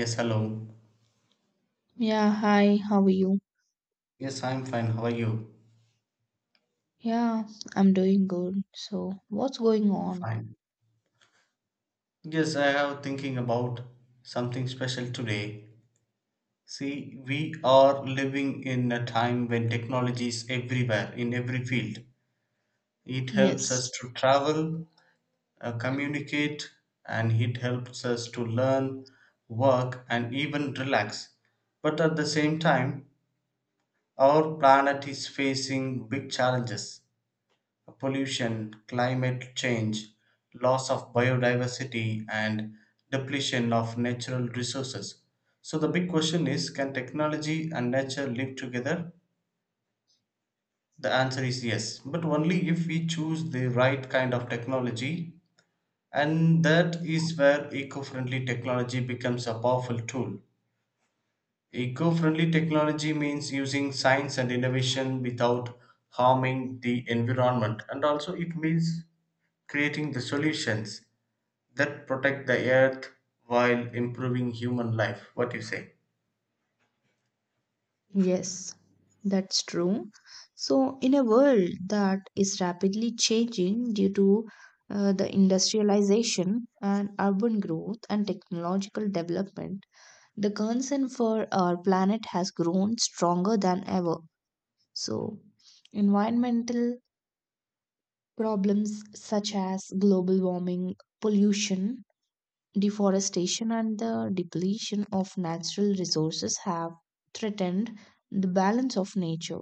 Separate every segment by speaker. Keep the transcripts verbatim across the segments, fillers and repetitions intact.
Speaker 1: Yes, hello.
Speaker 2: Yeah, hi, how are you?
Speaker 1: Yes, I'm fine. How are you?
Speaker 2: Yeah, I'm doing good. So, what's going on?
Speaker 1: Fine. Yes, I have thinking about something special today. See, we are living in a time when technology is everywhere in every field. It helps us
Speaker 2: Yes,
Speaker 1: to travel, uh, communicate, and it helps us to learn, work, and even relax. But at the same time, our planet is facing big challenges pollution, climate change, loss of biodiversity, and depletion of natural resources. So, the big question is can technology and nature live together? The answer is yes, but only if we choose the right kind of technology, and that is where eco friendly technology becomes a powerful tool. Eco friendly technology means using science and innovation without harming the environment, and also it means creating the solutions that protect the earth while improving human life. What do you say?
Speaker 2: yes, that's true. So, in a world that is rapidly changing due to uh, the industrialization and urban growth and technological development, the concern for our planet has grown stronger than ever. So, environmental problems such as global warming, pollution, deforestation and the depletion of natural resources have threatened the balance of nature.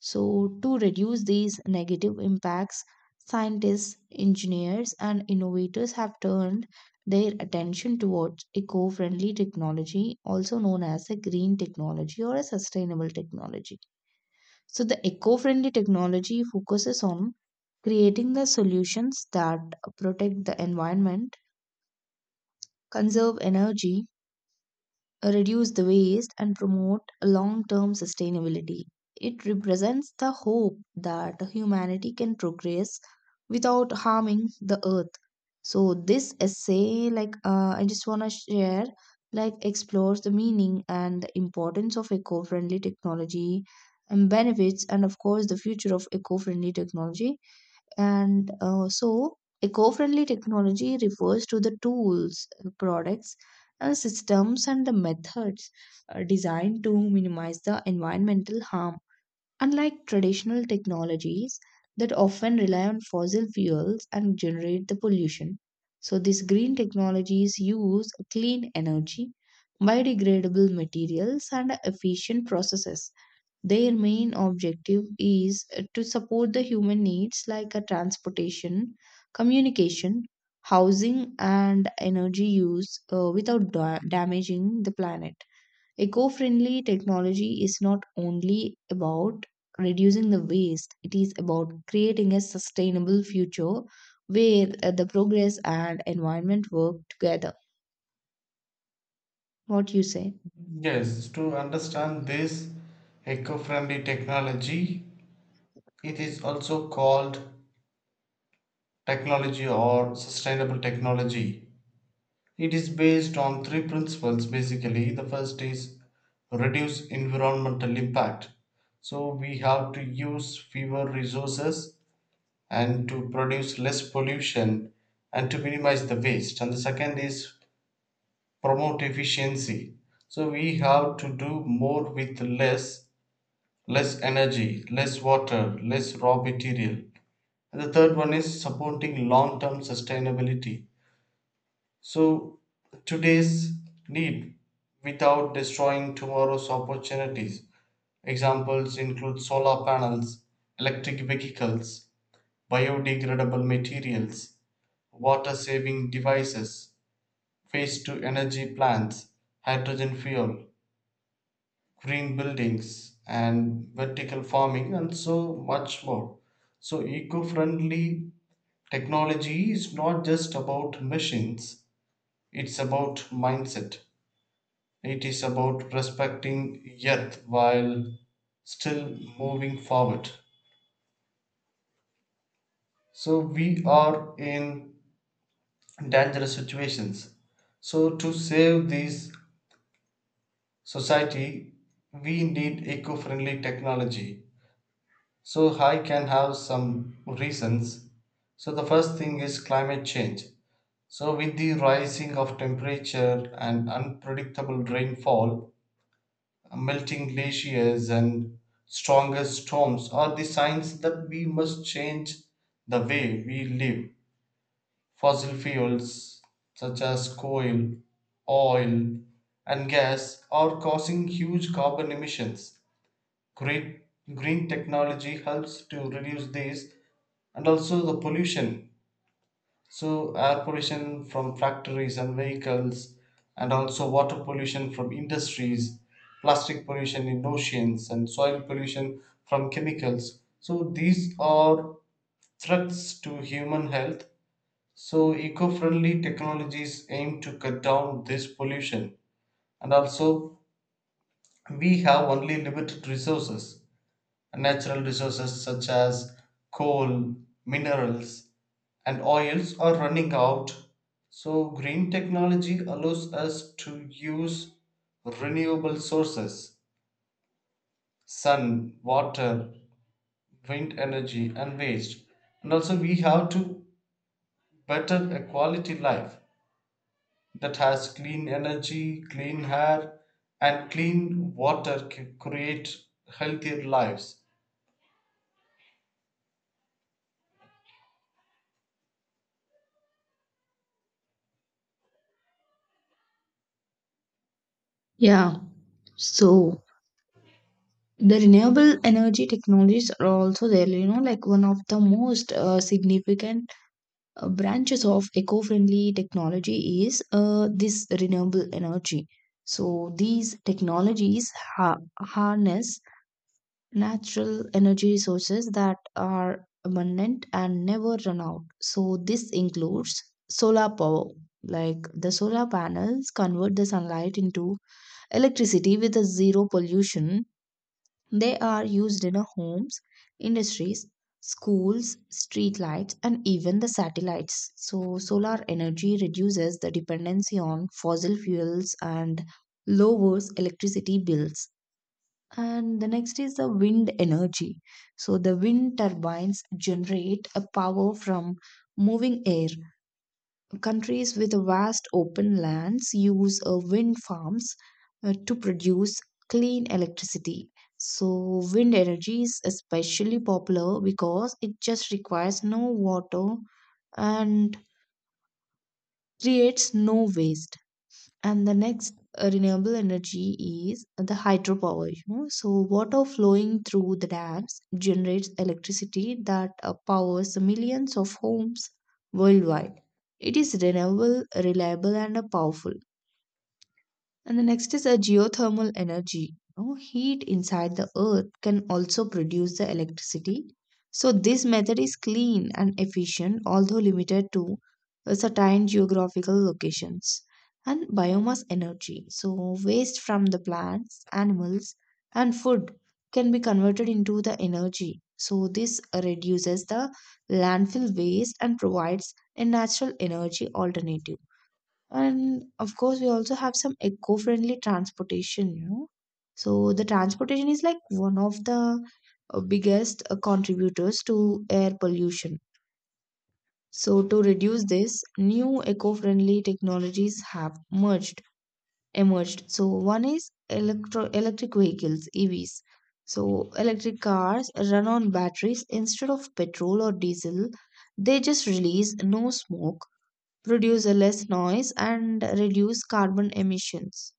Speaker 2: So, to reduce these negative impacts, scientists, engineers, and innovators have turned their attention towards eco friendly technology, also known as a green technology or a sustainable technology. So, the eco friendly technology focuses on creating the solutions that protect the environment, conserve energy, reduce the waste, and promote long term sustainability. It represents the hope that humanity can progress without harming the earth. So, this essay, like uh, I just want to share, like explores the meaning and the importance of eco friendly technology and benefits, and of course, the future of eco friendly technology and uh, so, eco friendly technology refers to the tools, uh, products, and systems and the methods uh, designed to minimize the environmental harm. Unlike traditional technologies that often rely on fossil fuels and generate the pollution, so these green technologies use clean energy, biodegradable materials, and efficient processes. Their main objective is uh, to support the human needs like a transportation, communication, housing, and energy use uh, without da- damaging the planet. Eco friendly technology is not only about reducing the waste, it is about creating a sustainable future where uh, the progress and environment work together. What you say?
Speaker 1: Yes, to understand this eco friendly technology, it is also called technology or sustainable technology. It is based on three principles basically. The first is reduce environmental impact. So we have to use fewer resources and to produce less pollution and to minimize the waste. And the second is promote efficiency. So we have to do more with less, less energy, less water, less raw material. And the third one is supporting long-term sustainability. So, today's need without destroying tomorrow's opportunities. Examples include solar panels, electric vehicles, biodegradable materials, water saving devices, waste to energy plants, hydrogen fuel, green buildings, and vertical farming, and so much more. So, eco friendly technology is not just about machines, it's about mindset. It is about respecting earth while still moving forward. So we are in dangerous situations. So to save this society, we need eco-friendly technology. So I can have some reasons. So the first thing is climate change. So with the rising of temperature and unpredictable rainfall, melting glaciers and stronger storms are the signs that we must change the way we live. Fossil fuels such as coal, oil, and gas are causing huge carbon emissions. Great green technology helps to reduce these and also the pollution so, air pollution from factories and vehicles, and also water pollution from industries, plastic pollution in oceans, and soil pollution from chemicals. So, these are threats to human health. So, eco friendly technologies aim to cut down this pollution. And also, we have only limited resources natural resources such as coal, minerals, and oils are running out. So, green technology allows us to use renewable sources sun, water, wind energy, and waste. And also, we have to better a quality life that has clean energy, clean air, and clean water c- create healthier lives.
Speaker 2: Yeah. So the renewable energy technologies are also there, you know, like one of the most uh, significant uh, branches of eco-friendly technology is uh, this renewable energy. So these technologies ha- harness natural energy resources that are abundant and never run out. So this includes solar power. Like the solar panels convert the sunlight into electricity with a zero pollution. They are used in homes, industries, schools, street lights, and even the satellites. So, solar energy reduces the dependency on fossil fuels and lowers electricity bills. And the next is the wind energy. So, the wind turbines generate a power from moving air. Countries with vast open lands use uh, wind farms uh, to produce clean electricity. So, wind energy is especially popular because it just requires no water and creates no waste. And the next uh, renewable energy is the hydropower. You know, so water flowing through the dams generates electricity that uh, powers millions of homes worldwide. It is renewable, reliable, and uh, powerful. And the next is a geothermal energy. No, heat inside the earth can also produce the electricity. So this method is clean and efficient, although limited to a certain geographical locations. And biomass energy. So waste from the plants, animals, and food can be converted into the energy. So this reduces the landfill waste and provides a natural energy alternative. And of course, we also have some eco-friendly transportation, you know. So the transportation is like one of the uh, biggest uh, contributors to air pollution. So to reduce this, new eco-friendly technologies have merged, emerged. So one is electro electric vehicles, E Vs. So electric cars run on batteries instead of petrol or diesel. They just release no smoke, produce a less noise and reduce carbon emissions.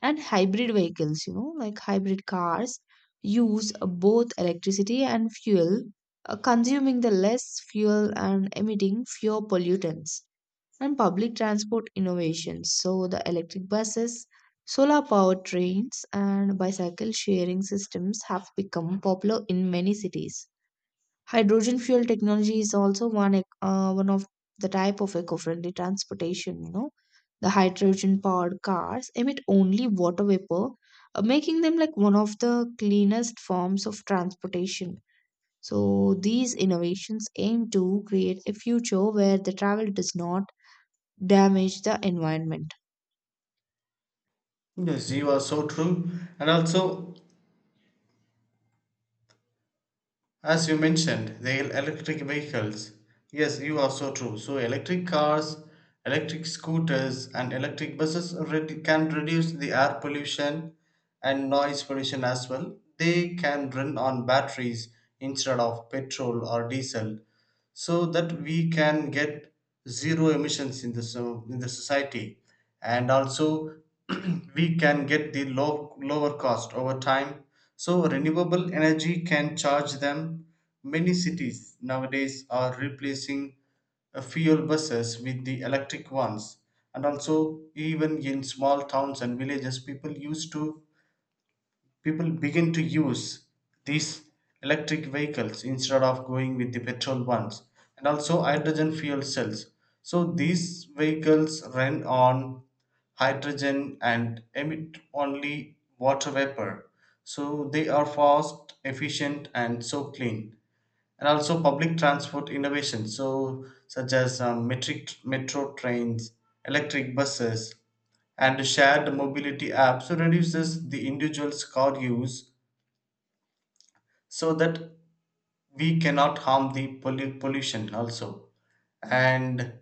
Speaker 2: And hybrid vehicles, you know, like hybrid cars, use both electricity and fuel, uh, consuming the less fuel and emitting fewer pollutants. And public transport innovations, so the electric buses, solar powered trains, and bicycle sharing systems have become popular in many cities. Hydrogen fuel technology is also one ec- uh, one of the type of eco-friendly transportation, you know. The hydrogen-powered cars emit only water vapor, uh, making them like one of the cleanest forms of transportation. So these innovations aim to create a future where the travel does not damage the environment.
Speaker 1: Yes, you are so true. And also, as you mentioned, the el- electric vehicles. Yes, you are so true. So, electric cars, electric scooters, and electric buses already can reduce the air pollution and noise pollution as well. They can run on batteries instead of petrol or diesel so that we can get zero emissions in the so in the society, and also we can get the low lower cost over time. So renewable energy can charge them. Many cities nowadays are replacing uh, fuel buses with the electric ones, and also even in small towns and villages, people used to people begin to use these electric vehicles instead of going with the petrol ones. And also hydrogen fuel cells, so these vehicles run on hydrogen and emit only water vapor, so they are fast, efficient, and so clean. And also public transport innovation, so such as um, metric metro trains, electric buses, and shared mobility apps, so reduces the individual's car use, so that we cannot harm the pollu- pollution also. And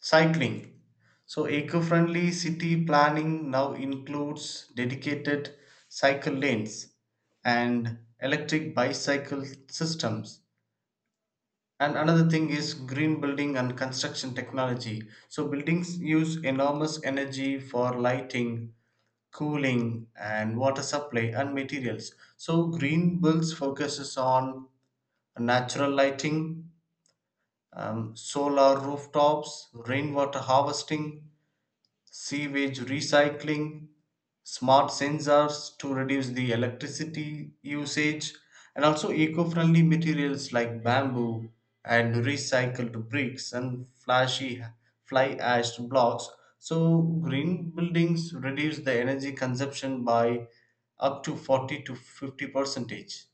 Speaker 1: cycling, so eco-friendly city planning now includes dedicated cycle lanes and electric bicycle systems. And another thing is green building and construction technology. So, buildings use enormous energy for lighting, cooling, and water supply and materials. So, green builds focuses on natural lighting, um, solar rooftops, rainwater harvesting, sewage recycling, smart sensors to reduce the electricity usage, and also eco friendly materials like bamboo and recycled bricks and flashy fly ash blocks. So, green buildings reduce the energy consumption by up to forty to fifty percentage.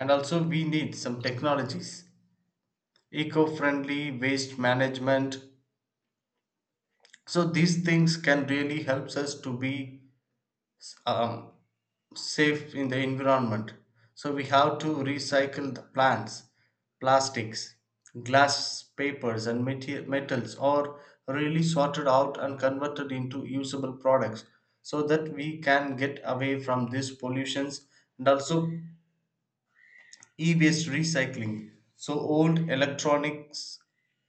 Speaker 1: And also, we need some technologies, eco friendly waste management. So, these things can really helps us to be um, safe in the environment. So we have to recycle the plants, plastics, glass papers, and mate- metals are really sorted out and converted into usable products so that we can get away from these pollutions. And also E-waste recycling. So old electronics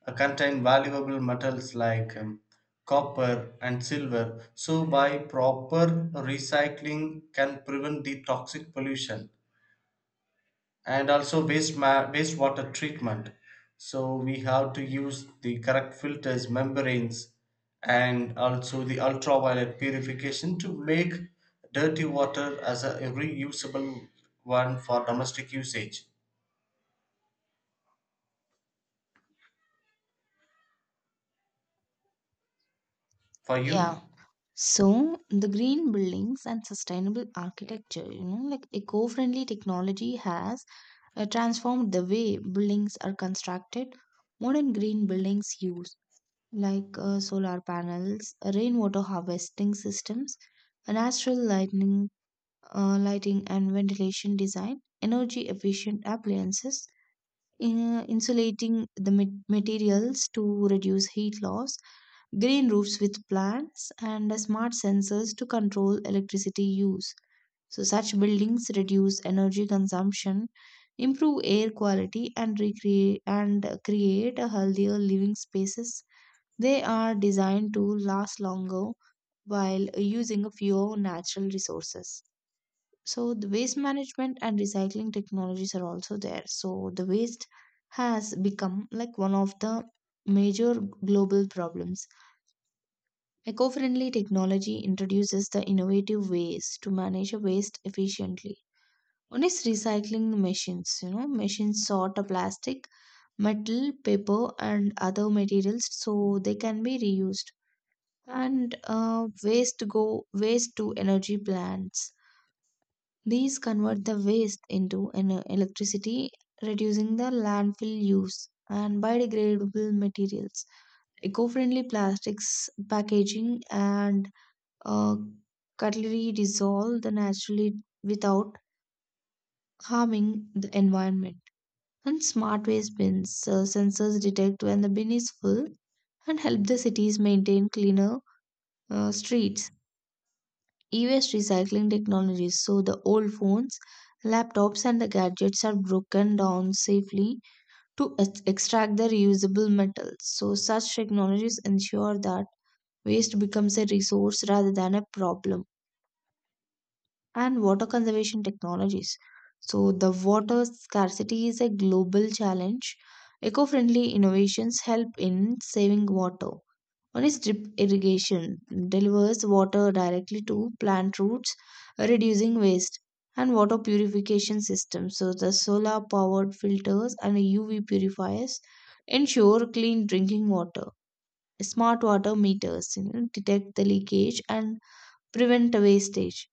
Speaker 1: uh, contain valuable metals like um, copper and silver. So by proper recycling can prevent the toxic pollution. And also waste ma- wastewater treatment. So we have to use the correct filters, membranes, and also the ultraviolet purification to make dirty water as a reusable one for domestic usage. For you?
Speaker 2: Yeah. So the green buildings and sustainable architecture, you know, like eco-friendly technology has uh, transformed the way buildings are constructed. Modern green buildings use, like uh, solar panels, rainwater harvesting systems, natural lighting, uh, lighting and ventilation design, energy efficient appliances, in, insulating the ma- materials to reduce heat loss, green roofs with plants and smart sensors to control electricity use. So such buildings reduce energy consumption, improve air quality and recreate and create a healthier living spaces. They are designed to last longer while using fewer natural resources. So the waste management and recycling technologies are also there. So the waste has become like one of the major global problems. Eco friendly technology introduces the innovative ways to manage a waste efficiently. One is recycling machines. You know, machines sort a plastic, metal, paper, and other materials so they can be reused. And uh, waste go waste to energy plants. These convert the waste into ener- electricity, reducing the landfill use and biodegradable materials. Eco-friendly plastics packaging and uh, cutlery dissolve the naturally without harming the environment. And smart waste bins uh, sensors detect when the bin is full and help the cities maintain cleaner uh, streets. E-waste recycling technologies, so the old phones, laptops, and the gadgets are broken down safely to ex- extract the reusable metals. So such technologies ensure that waste becomes a resource rather than a problem. And water conservation technologies. So, the water scarcity is a global challenge. Eco friendly innovations help in saving water. One is drip irrigation, delivers water directly to plant roots, reducing waste, and water purification systems. So, the solar powered filters and U V purifiers ensure clean drinking water. Smart water meters, you know, detect the leakage and prevent wastage,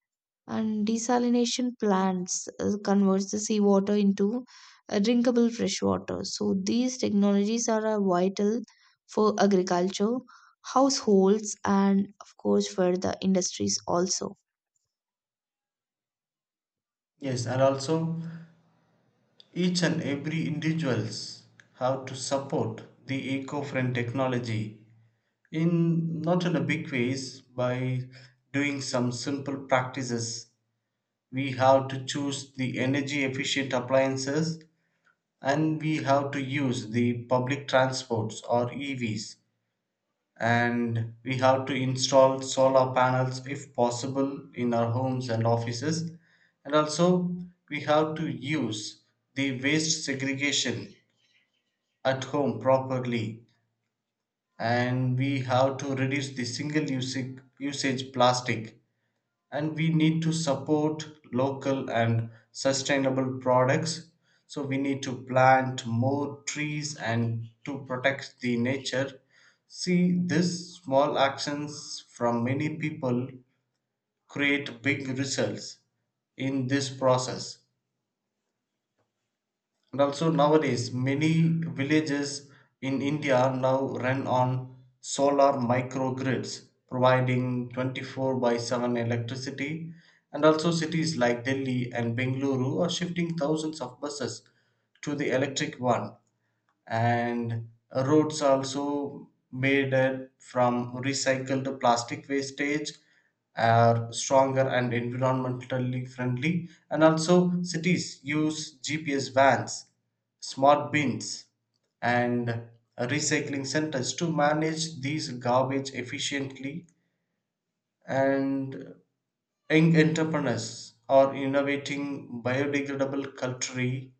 Speaker 2: and desalination plants uh, converts the seawater into uh, drinkable fresh water. So these technologies are uh, vital for agriculture, households, and of course for the industries also.
Speaker 1: Yes, and also each and every individuals have to support the eco-friend technology in not in a big ways by doing some simple practices. We have to choose the energy efficient appliances, and we have to use the public transports or E Vs, and we have to install solar panels if possible in our homes and offices. And also we have to use the waste segregation at home properly, and we have to reduce the single use usage plastic, and we need to support local and sustainable products. So we need to plant more trees and to protect the nature. See, these small actions from many people create big results in this process. And also nowadays, many villages in India now run on solar microgrids, providing twenty-four by seven electricity. And also cities like Delhi and Bengaluru are shifting thousands of buses to the electric one, and roads also made it from recycled plastic wastage are stronger and environmentally friendly. And also cities use G P S vans, smart bins, and recycling centers to manage these garbage efficiently. And young entrepreneurs are innovating biodegradable cutlery,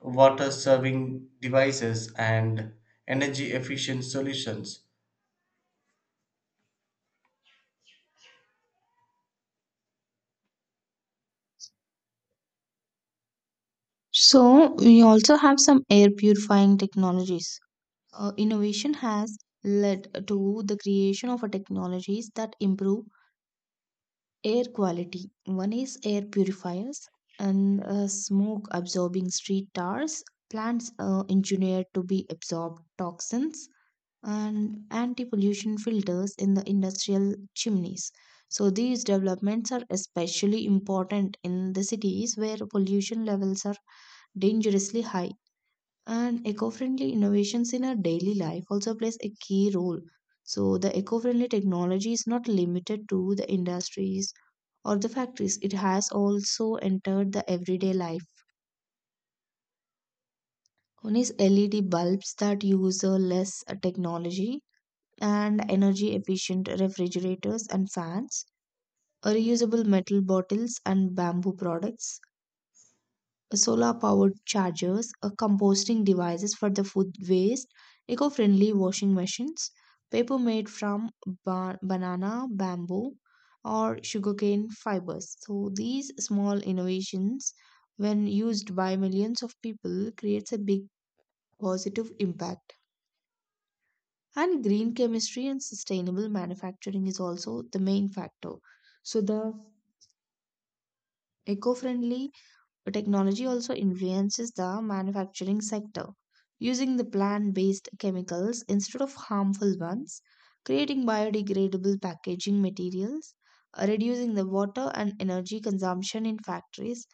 Speaker 1: water serving devices, and energy efficient solutions.
Speaker 2: So we also have some air purifying technologies. Uh, innovation has led to the creation of uh, technologies that improve air quality. One is air purifiers and uh, smoke absorbing street tars, plants uh, engineered to be absorb toxins, and anti pollution filters in the industrial chimneys. So, these developments are especially important in the cities where pollution levels are dangerously high. And eco friendly innovations in our daily life also plays a key role. So, the eco friendly technology is not limited to the industries or the factories. It has also entered the everyday life. One is L E D bulbs that use uh, less uh, technology and energy efficient refrigerators and fans, reusable metal bottles and bamboo products, solar powered chargers, uh, composting devices for the food waste, eco-friendly washing machines, paper made from ba- banana, bamboo, or sugarcane fibers. So these small innovations, when used by millions of people, creates a big positive impact. And green chemistry and sustainable manufacturing is also the main factor. So the eco-friendly technology also influences the manufacturing sector, using the plant based chemicals instead of harmful ones, creating biodegradable packaging materials, uh, reducing the water and energy consumption in factories,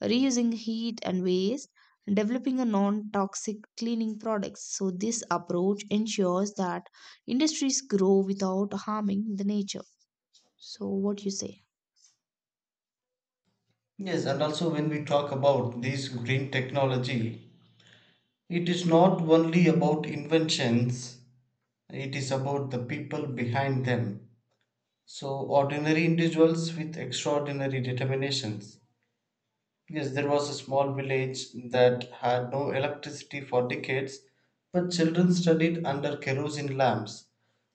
Speaker 2: reusing heat and waste, and developing a non toxic cleaning products. So, this approach ensures that industries grow without harming the nature. So, what you say?
Speaker 1: Yes, and also when we talk about this green technology, it is not only about inventions, it is about the people behind them. So, ordinary individuals with extraordinary determinations. Yes, there was a small village that had no electricity for decades, but children studied under kerosene lamps.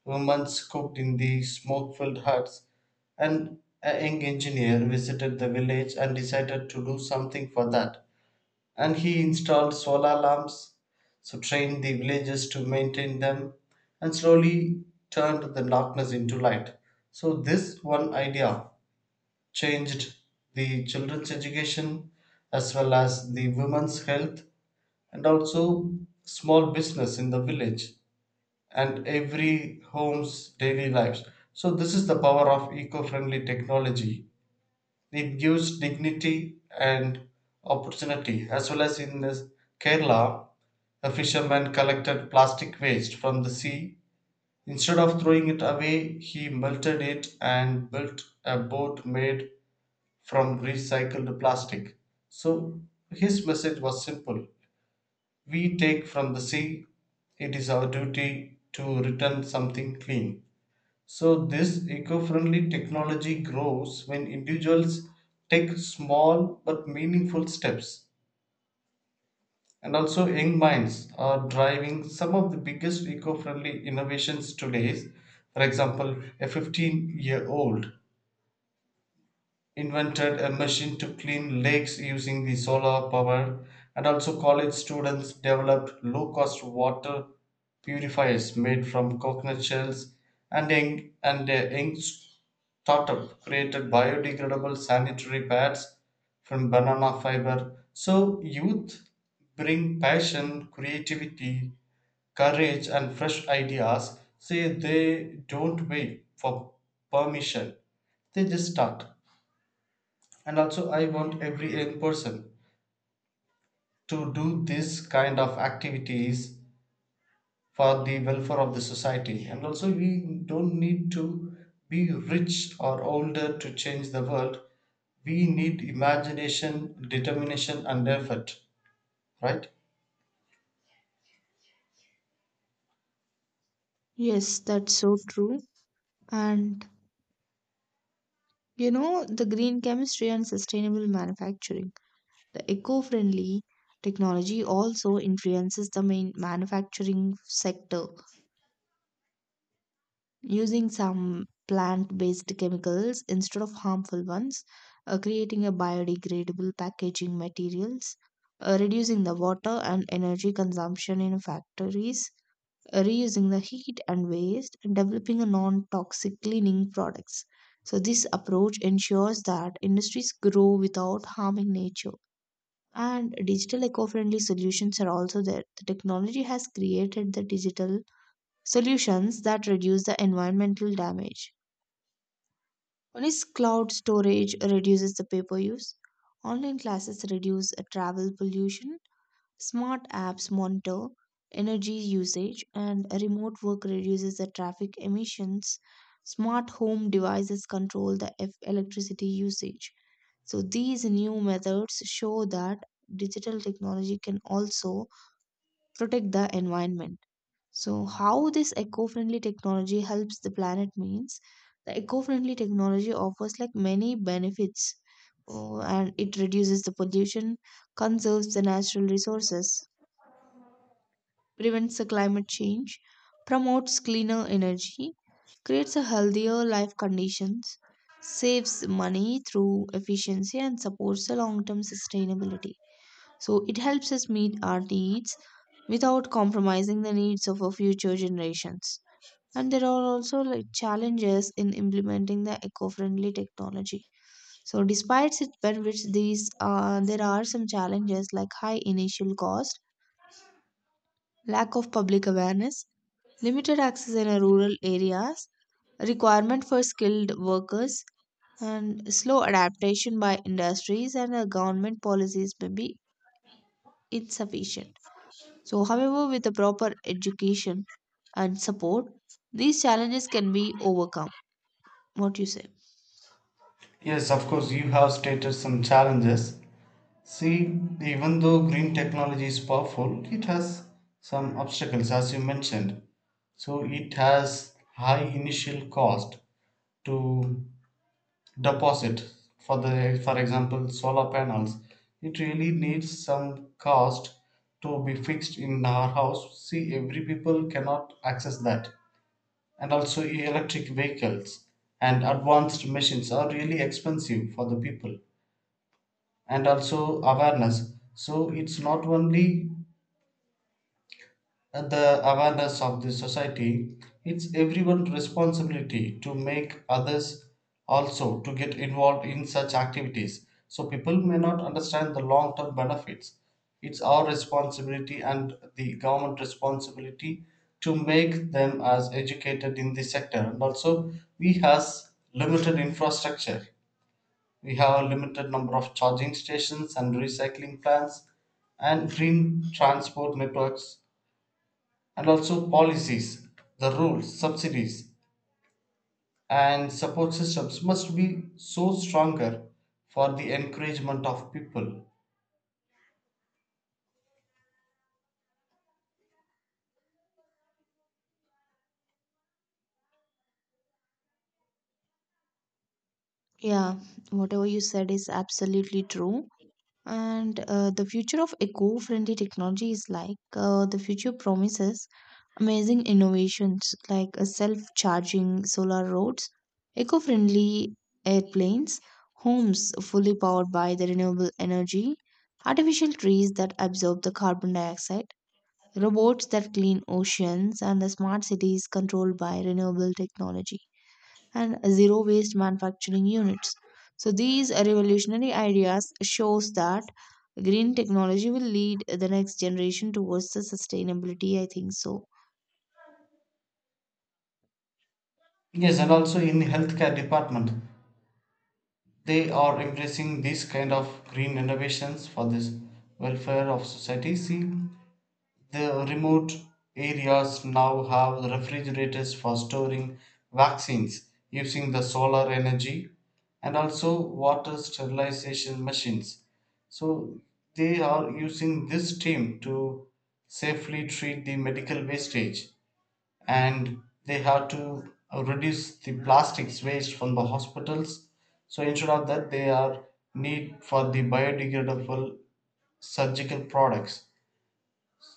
Speaker 1: Women cooked in the smoke filled huts, and a young engineer visited the village and decided to do something for that. And he installed solar lamps, so trained the villagers to maintain them, and slowly turned the darkness into light. So, this one idea changed the children's education as well as the women's health and also small business in the village and every home's daily lives. So this is the power of eco-friendly technology. It gives dignity and opportunity as well. As in this Kerala, a fisherman collected plastic waste from the sea. Instead of throwing it away, he melted it and built a boat made from recycled plastic. So his message was simple: we take from the sea, it is our duty to return something clean. So this eco-friendly technology grows when individuals take small but meaningful steps. And also young minds are driving some of the biggest eco-friendly innovations today. For example, a fifteen-year-old invented a machine to clean lakes using the solar power. And also college students developed low cost water purifiers made from coconut shells, and a, and a young startup created biodegradable sanitary pads from banana fiber. So youth bring passion, creativity, courage, and fresh ideas. Say they don't wait for permission, they just start. And also, I want every young person to do this kind of activities for the welfare of the society. And also, we don't need to be rich or older to change the world. We need imagination, determination, and effort, right?
Speaker 2: Yes, that's so true. And you know, the green chemistry and sustainable manufacturing. The eco friendly technology also influences the main manufacturing sector. Using some plant based chemicals instead of harmful ones, uh, creating a biodegradable packaging materials, uh, reducing the water and energy consumption in factories, reusing the heat and waste and developing a non-toxic cleaning products. So this approach ensures that industries grow without harming nature. And digital eco-friendly solutions are also there. The technology has created the digital solutions that reduce the environmental damage. One is cloud storage reduces the paper use. Online classes reduce uh, travel pollution. Smart apps monitor energy usage and remote work reduces the traffic emissions. Smart home devices control the eff- electricity usage. So these new methods show that digital technology can also protect the environment. So how this eco-friendly technology helps the planet means the eco-friendly technology offers like many benefits. Oh, and it reduces the pollution, conserves the natural resources, prevents the climate change, promotes cleaner energy, creates a healthier life conditions, saves money through efficiency and supports the long-term sustainability. So it helps us meet our needs without compromising the needs of our future generations. And there are also like challenges in implementing the eco-friendly technology. So despite its benefits, these uh, there are some challenges like high initial cost, lack of public awareness, limited access in a rural areas, requirement for skilled workers, and slow adaptation by industries and uh, government policies may be insufficient. So, however, with the proper education and support, these challenges can be overcome. What you say?
Speaker 1: Yes, of course, you have stated some challenges. See, even though green technology is powerful, it has some obstacles, as you mentioned. So it has high initial cost to deposit for the, for example, solar panels. It really needs some cost to be fixed in our house. See, every people cannot access that. And also electric vehicles and advanced machines are really expensive for the people. And also awareness, so it's not only and the awareness of the society, it's everyone's responsibility to make others also to get involved in such activities. So people may not understand the long term benefits. It's our responsibility and the government responsibility to make them as educated in the sector. And also we has limited infrastructure. We have a limited number of charging stations and recycling plants and green transport networks. And also, policies, the rules, subsidies, and support systems must be so stronger for the encouragement of people.
Speaker 2: Yeah, whatever you said is absolutely true. And uh, the future of eco friendly technology is like uh, the future promises amazing innovations like self charging solar roads, eco friendly airplanes, homes fully powered by the renewable energy, artificial trees that absorb the carbon dioxide, robots that clean oceans, and the smart cities controlled by renewable technology and zero waste manufacturing units. So these revolutionary ideas shows that green technology will lead the next generation towards the sustainability. I think so.
Speaker 1: Yes, and also in healthcare department, they are embracing these kind of green innovations for this welfare of society. See, the remote areas now have refrigerators for storing vaccines using the solar energy, and also water sterilization machines. So they are using this team to safely treat the medical wastage, and they have to reduce the plastics waste from the hospitals. So instead of that, they are need for the biodegradable surgical products.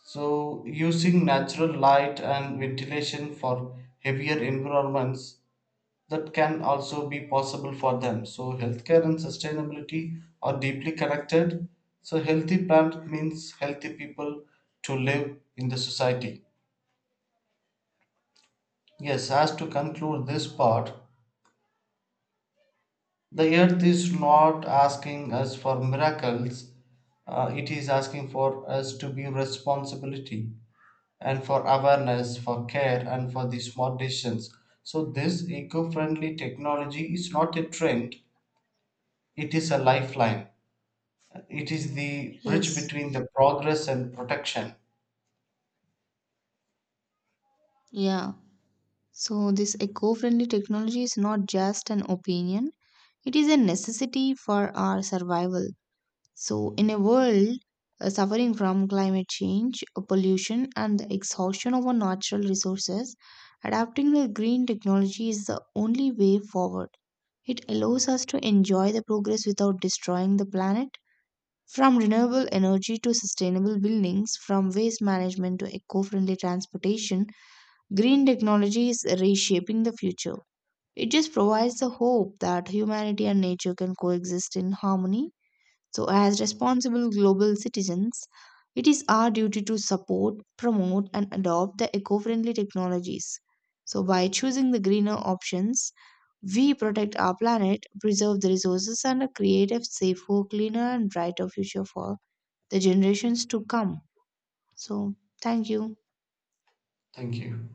Speaker 1: So, using natural light and ventilation for heavier environments, that can also be possible for them. So, healthcare and sustainability are deeply connected. So, healthy planet means healthy people to live in the society. Yes, as to conclude this part, the earth is not asking us for miracles, uh, it is asking for us to be responsibility and for awareness, for care, and for the smart decisions. So, this eco friendly technology is not a trend, it is a lifeline. It is the bridge
Speaker 2: Yes.
Speaker 1: between the progress and protection.
Speaker 2: Yeah. So this eco-friendly technology is not just an opinion. It is a necessity for our survival. So, in a world uh, suffering from climate change, uh, pollution, and the exhaustion of our natural resources, adapting to green technology is the only way forward. It allows us to enjoy the progress without destroying the planet. From renewable energy to sustainable buildings, from waste management to eco friendly transportation, green technology is reshaping the future. It just provides the hope that humanity and nature can coexist in harmony. So, as responsible global citizens, it is our duty to support, promote, and adopt the eco friendly technologies. So, by choosing the greener options, we protect our planet, preserve the resources, and create a safer, cleaner, and brighter future for the generations to come. So, thank you.
Speaker 1: Thank you.